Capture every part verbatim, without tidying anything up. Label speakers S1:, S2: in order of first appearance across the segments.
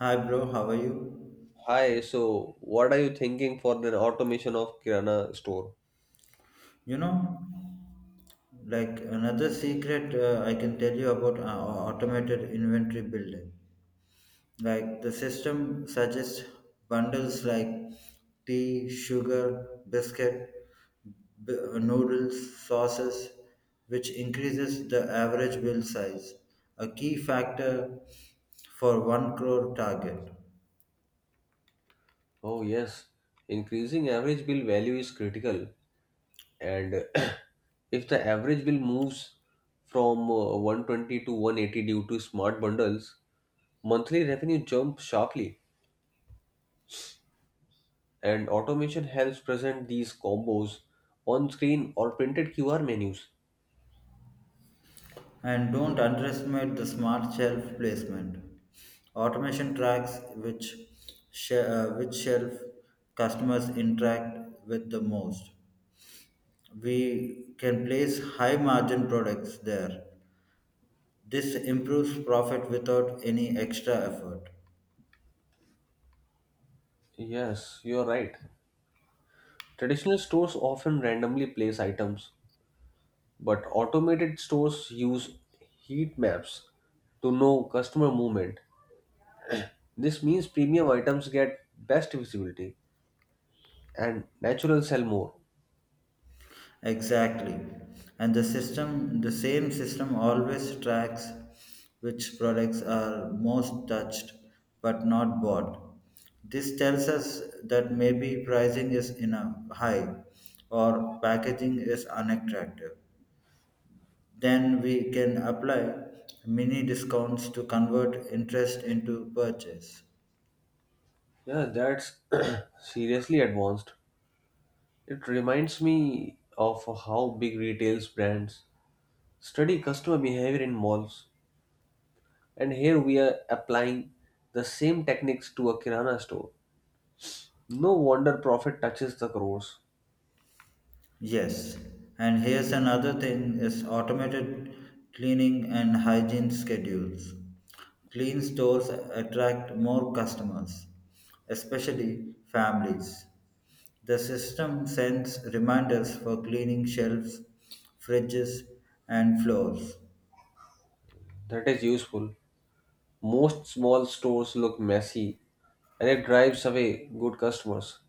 S1: Hi, bro. How are you?
S2: Hi, so what are you thinking for the automation of Kirana store?
S1: You know, like another secret uh, I can tell you about uh, automated inventory building. Like the system suggests bundles like tea, sugar, biscuit, b- noodles, sauces, which increases the average bill size, a key factor for 1 crore target.
S2: Oh, yes. Increasing average bill value is critical. And if the average bill moves from uh, one twenty to one eighty due to smart bundles, monthly revenue jumps sharply. And automation helps present these combos on screen or printed Q R menus.
S1: And don't underestimate the smart shelf placement. Automation tracks which, sh- uh, which shelf customers interact with the most. We can place high margin products there. This improves profit without any extra effort.
S2: Yes, you're right. Traditional stores often randomly place items, but automated stores use heat maps to know customer movement. This means premium items get best visibility and natural sell more.
S1: Exactly. And the system, the same system always tracks which products are most touched but not bought. This tells us that maybe pricing is enough high or packaging is unattractive. Then we can apply mini discounts to convert interest into purchase.
S2: Yeah, that's seriously advanced. It reminds me of how big retail brands study customer behavior in malls. And here we are applying the same techniques to a Kirana store. No wonder profit touches the crores.
S1: Yes, and here's another thing is automated cleaning and hygiene schedules. Clean stores attract more customers, especially families. The system sends reminders for cleaning shelves, fridges, and floors.
S2: That is useful. Most small stores look messy and it drives away good customers.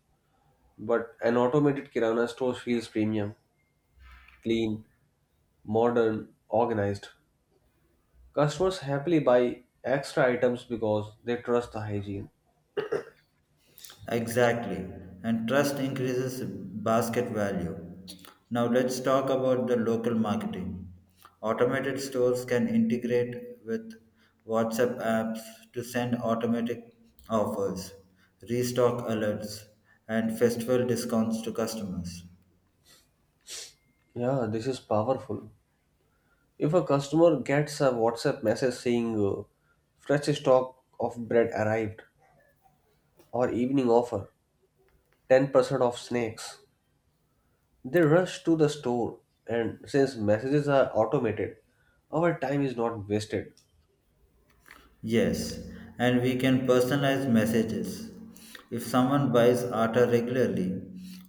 S2: But an automated Kirana store feels premium, clean, modern, organized. Customers happily buy extra items because they trust the hygiene.
S1: Exactly. And trust increases basket value. Now let's talk about the local marketing. Automated stores can integrate with WhatsApp apps to send automatic offers, restock alerts, and festival discounts to customers.
S2: Yeah, this is powerful. If a customer gets a WhatsApp message saying uh, fresh stock of bread arrived or evening offer, ten percent off snacks, they rush to the store, and since messages are automated, our time is not wasted.
S1: Yes, and we can personalize messages. If someone buys Atta regularly,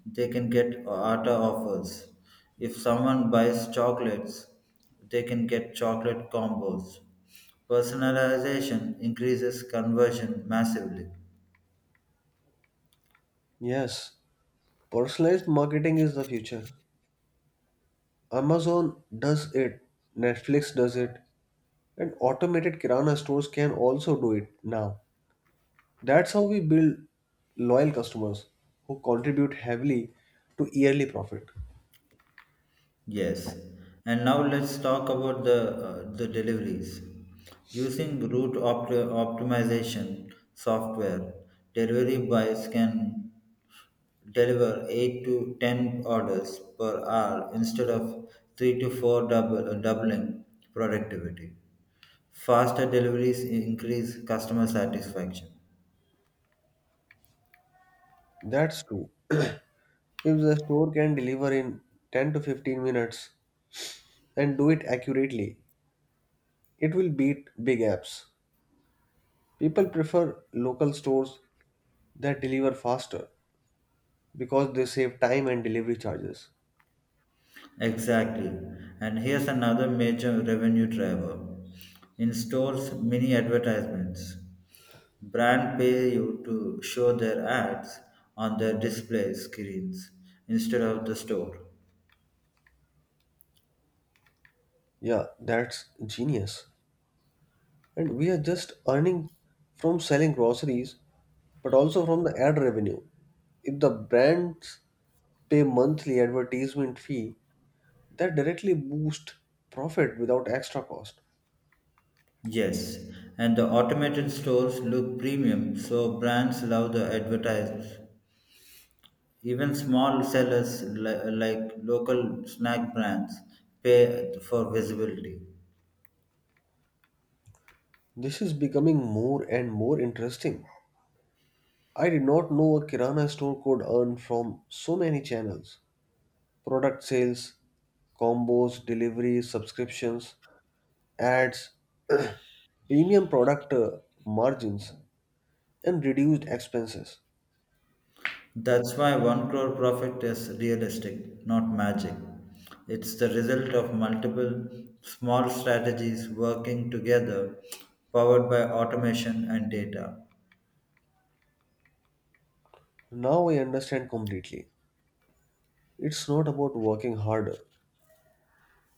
S1: they can get Atta offers. If someone buys chocolates, they can get chocolate combos. Personalization increases conversion massively.
S2: Yes, personalized marketing is the future. Amazon does it, Netflix does it, and automated Kirana stores can also do it now. That's how we build loyal customers who contribute heavily to yearly profit.
S1: Yes, and now let's talk about the uh, the deliveries. Using route opt- optimization software, delivery buys can deliver eight to ten orders per hour instead of three to four double, uh, doubling productivity. Faster deliveries increase customer satisfaction.
S2: That's true. If the store can deliver in ten to fifteen minutes and do it accurately, it will beat big apps. People prefer local stores that deliver faster because they save time and delivery charges.
S1: Exactly. And here's another major revenue driver. In stores, mini advertisements. Brand pay you to show their ads on their display screens instead of the store.
S2: Yeah, that's genius. And we are just earning from selling groceries, but also from the ad revenue. If the brands pay monthly advertisement fee, that directly boost profit without extra cost.
S1: Yes, and the automated stores look premium, so brands love the advertise. Even small sellers li- like local snack brands pay for visibility.
S2: This is becoming more and more interesting. I did not know a Kirana store could earn from so many channels: product sales, combos, deliveries, subscriptions, ads, premium product uh, margins, and reduced expenses.
S1: That's why 1 crore profit is realistic, not magic. It's the result of multiple small strategies working together, powered by automation and data.
S2: Now I understand completely. It's not about working harder,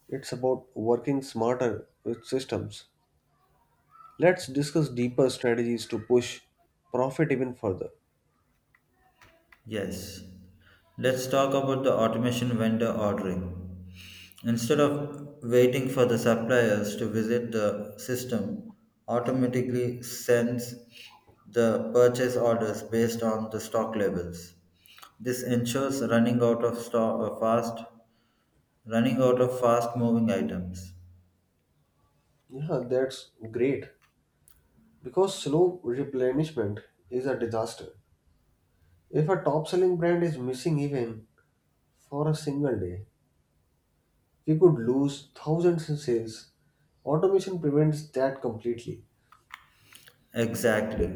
S2: it's about working smarter with systems. Let's discuss deeper strategies to push profit even further.
S1: Yes. Let's talk about the automation vendor ordering. Instead of waiting for the suppliers to visit the system, automatically sends the purchase orders based on the stock levels. This ensures running out of stock fast running out of fast moving items.
S2: Yeah, that's great. Because slow replenishment is a disaster. If a top selling brand is missing even for a single day, we could lose thousands in sales. Automation prevents that completely.
S1: Exactly.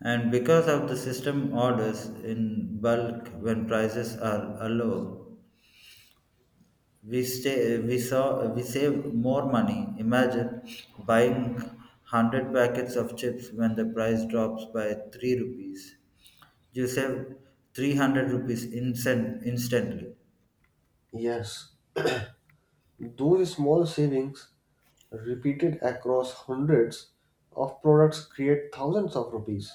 S1: And because of the system orders in bulk when prices are low, We stay, we saw, we save more money. Imagine buying hundred packets of chips when the price drops by three rupees. You save three hundred rupees instant, instantly.
S2: Yes, those small savings repeated across hundreds of products create thousands of rupees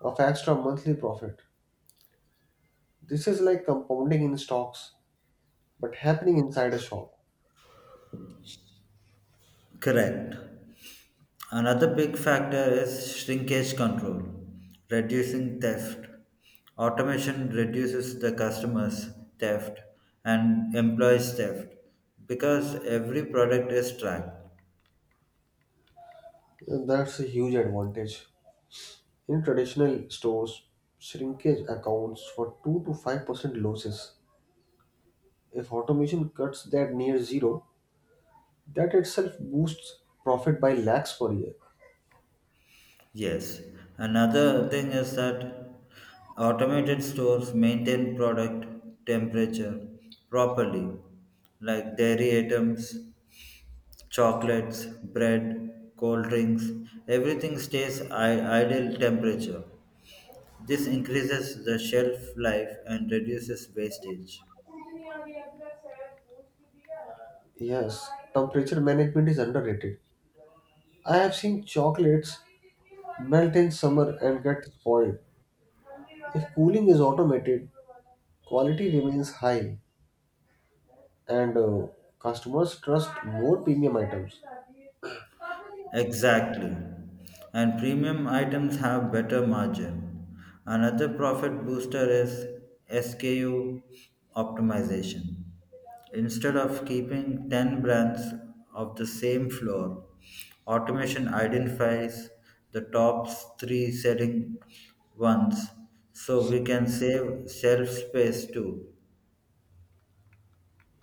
S2: of extra monthly profit. This is like compounding in stocks but happening inside a shop.
S1: Correct. Another big factor is shrinkage control, reducing theft. Automation reduces the customer's theft and employees' theft because every product is tracked.
S2: That's a huge advantage. In traditional stores, shrinkage accounts for two to five percent losses. If automation cuts that near zero, that itself boosts profit by lakhs per year.
S1: Yes, another thing is that automated stores maintain product temperature properly, like dairy items, chocolates, bread, cold drinks, everything stays I- ideal temperature. This increases the shelf life and reduces wastage.
S2: Yes, temperature management is underrated. I have seen chocolates melt in summer and get spoiled. If cooling is automated, quality remains high and uh, customers trust more premium items.
S1: Exactly. And premium items have better margin. Another profit booster is S K U optimization. Instead of keeping ten brands of the same floor, automation identifies the top three selling ones so we can save shelf space too.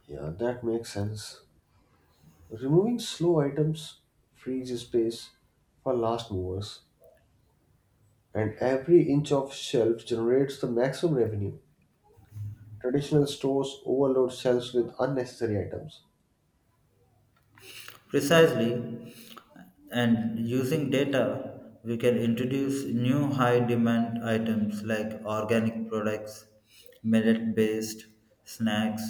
S2: Yeah, that makes sense. Removing slow items frees space for last movers, and every inch of shelf generates the maximum revenue. Traditional stores overload shelves with unnecessary items.
S1: Precisely, and using data, we can introduce new high demand items like organic products, millet based snacks,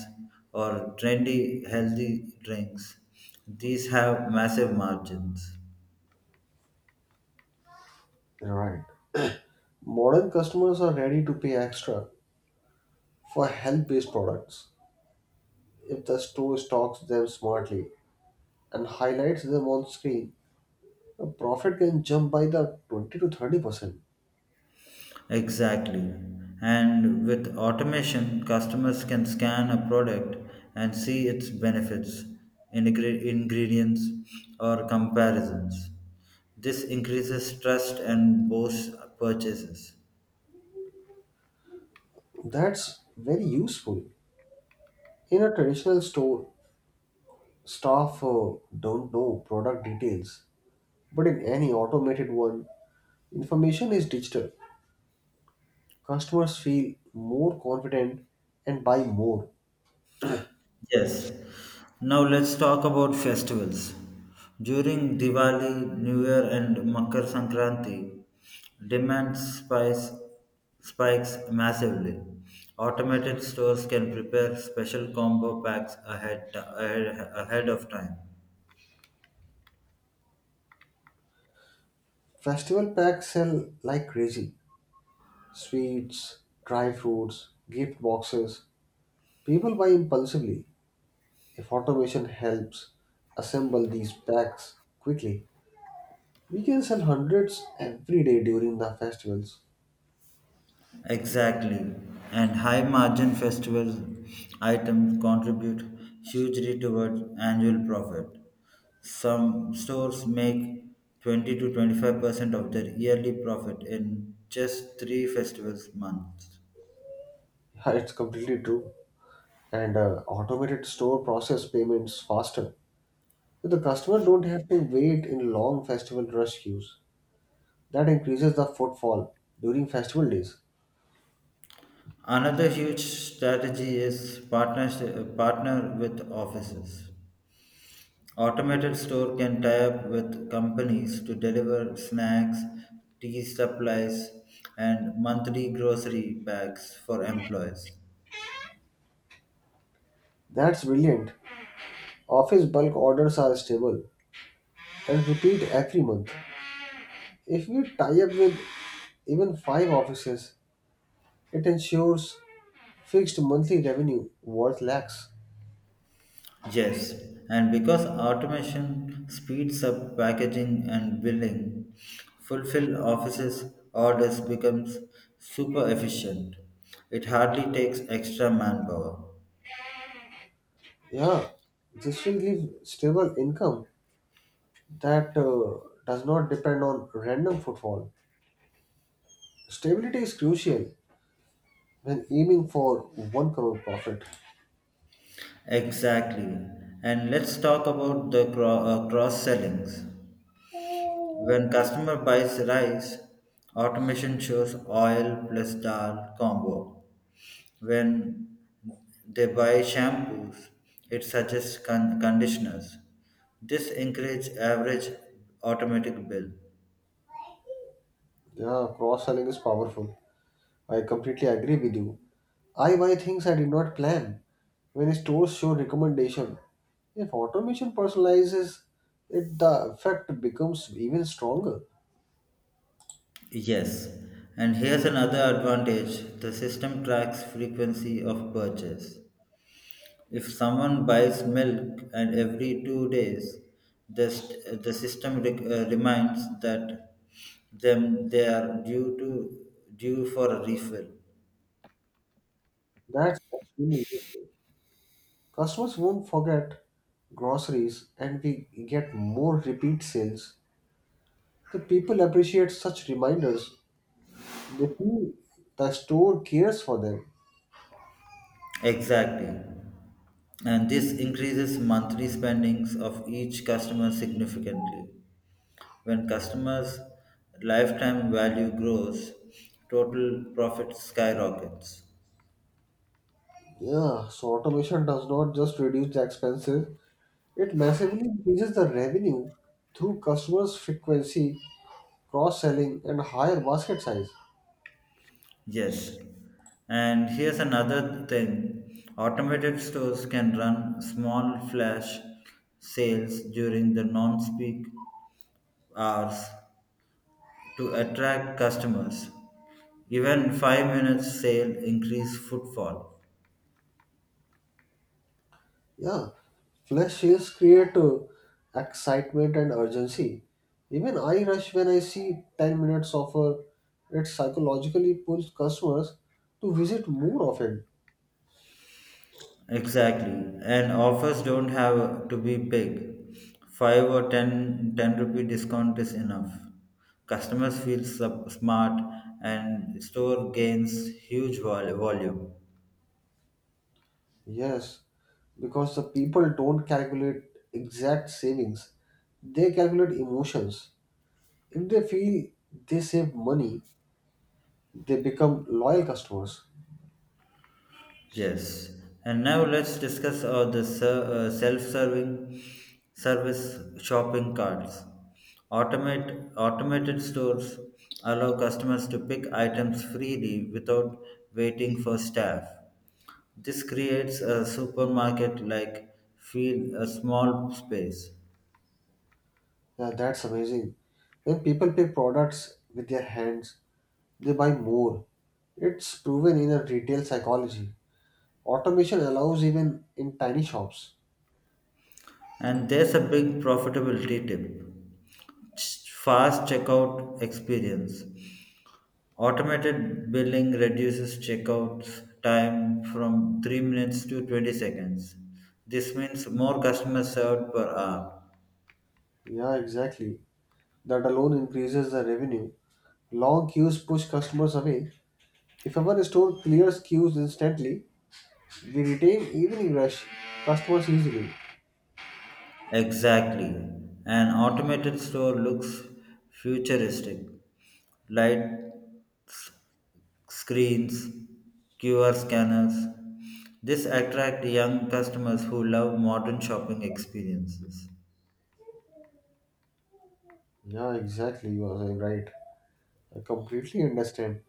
S1: or trendy healthy drinks. These have massive margins.
S2: Right. Modern customers are ready to pay extra for health based products. If the store stocks them smartly and highlights them on screen, the profit can jump by the twenty to thirty percent.
S1: Exactly. And with automation, customers can scan a product and see its benefits, ingre- ingredients, or comparisons. This increases trust and boosts purchases.
S2: That's very useful. In a traditional store, staff uh, don't know product details, but in any automated one, information is digital. Customers feel more confident and buy more.
S1: Yes. Now let's talk about festivals. During Diwali, New Year, and Makar Sankranti, demand spice, spikes massively. Automated stores can prepare special combo packs ahead, ahead, ahead of time.
S2: Festival packs sell like crazy. Sweets, dry fruits, gift boxes. People buy impulsively. If automation helps assemble these packs quickly, we can sell hundreds every day during the festivals.
S1: Exactly. And high margin festival items contribute hugely towards annual profit. Some stores make twenty to twenty-five percent of their yearly profit in just three festivals months.
S2: Yeah, it's completely true. And uh, automated store process payments faster. So the customer don't have to wait in long festival rush queues. That increases the footfall during festival days.
S1: Another huge strategy is partners, partner with offices. Automated store can tie up with companies to deliver snacks, tea supplies, and monthly grocery bags for employees.
S2: That's brilliant. Office bulk orders are stable and repeat every month. If we tie up with even five offices, it ensures fixed monthly revenue worth lakhs.
S1: Yes, and because automation speeds up packaging and billing, fulfill offices orders becomes super efficient. It hardly takes extra manpower.
S2: Yeah, this will give stable income that uh, does not depend on random footfall. Stability is crucial when aiming for one crore profit.
S1: Exactly. And let's talk about the cro- uh, cross sellings. When customer buys rice, automation shows oil plus dal combo. When they buy shampoos, it suggests con- conditioners. This encourages average automatic bill.
S2: Yeah, cross selling is powerful. I completely agree with you. I buy things I did not plan. When stores show recommendation, if automation personalizes it, the effect becomes even stronger.
S1: Yes, and here's another advantage the system tracks frequency of purchase. If someone buys milk and every two days, the, st- the system rec- uh, reminds that them they are due to due for a refill.
S2: That's extremely useful. Customers won't forget groceries and we get more repeat sales. The people appreciate such reminders. They feel the store cares for them.
S1: Exactly. And this increases monthly spendings of each customer significantly. When customers' lifetime value grows, total profit skyrockets.
S2: Yeah, so automation does not just reduce the expenses, it massively increases the revenue through customers' frequency, cross selling, and higher basket size.
S1: Yes. And here's another thing automated stores can run small flash sales during the non peak hours to attract customers. Even five minutes sale increase footfall.
S2: Yeah, flash sales create uh, excitement and urgency. Even I rush when I see ten minutes offer, it psychologically pulls customers to visit more often.
S1: Exactly. And offers don't have to be big. five or ten ten rupee discount is enough. Customers feel sup- smart and store gains huge vol- volume.
S2: Yes, because the people don't calculate exact savings, they calculate emotions. If they feel they save money, they become loyal customers.
S1: Yes, and now let's discuss uh, the ser- uh, self-serving service shopping carts. Automate automated stores allow customers to pick items freely without waiting for staff. This creates a supermarket-like feel, a small space.
S2: Yeah, that's amazing. When people pay products with their hands, they buy more. It's proven in a retail psychology. Automation allows even in tiny shops.
S1: And there's a big profitability tip fast checkout experience. Automated billing reduces checkouts time from three minutes to twenty seconds. This means more customers served per hour.
S2: Yeah, exactly. That alone increases the revenue. Long queues push customers away. If our store clears queues instantly, we retain evening rush customers easily.
S1: Exactly. An automated store looks futuristic. Lights, screens, Q R scanners. This attract young customers who love modern shopping experiences.
S2: Yeah, exactly. You are right. I completely understand.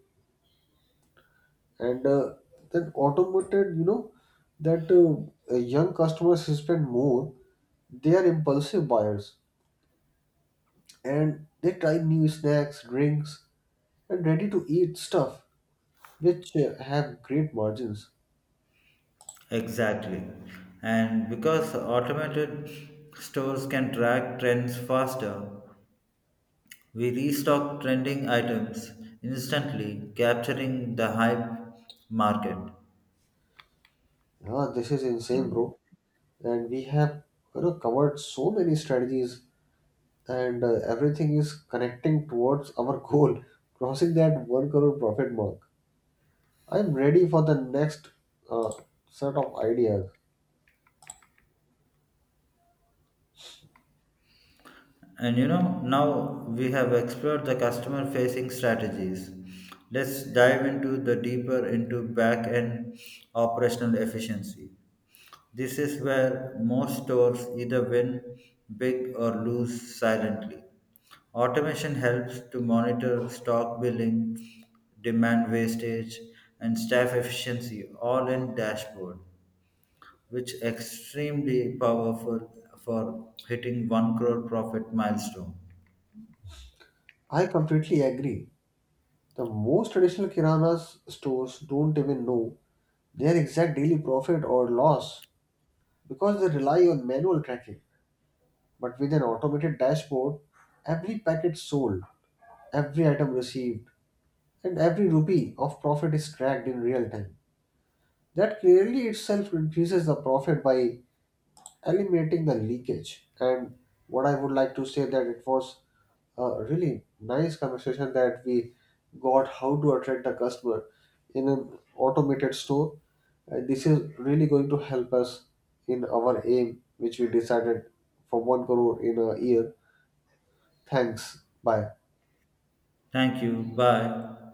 S2: and uh, that automated you know that uh, uh, young customers spend more, they are impulsive buyers, and they try new snacks, drinks, and ready to eat stuff which uh, have great margins.
S1: Exactly. And because automated stores can track trends faster, we restock trending items instantly, capturing the hype market.
S2: Ah, this is insane, bro. And we have, you know, covered so many strategies, and uh, everything is connecting towards our goal, crossing that one crore profit mark. I'm ready for the next uh, set of ideas.
S1: And you know, now we have explored the customer facing strategies. Let's dive into the deeper into back end operational efficiency. This is where most stores either win big or lose silently. Automation helps to monitor stock billing, demand wastage, and staff efficiency all in dashboard, which extremely powerful for hitting 1 crore profit milestone.
S2: I completely agree. The most traditional kirana stores don't even know their exact daily profit or loss because they rely on manual tracking. But with an automated dashboard, every packet sold, every item received, and every rupee of profit is tracked in real time. That clearly itself increases the profit by eliminating the leakage. And what I would like to say that it was a really nice conversation that we got how to attract the customer in an automated store. And this is really going to help us in our aim, which we decided for one crore in a year. Thanks. Bye.
S1: Thank you. Bye.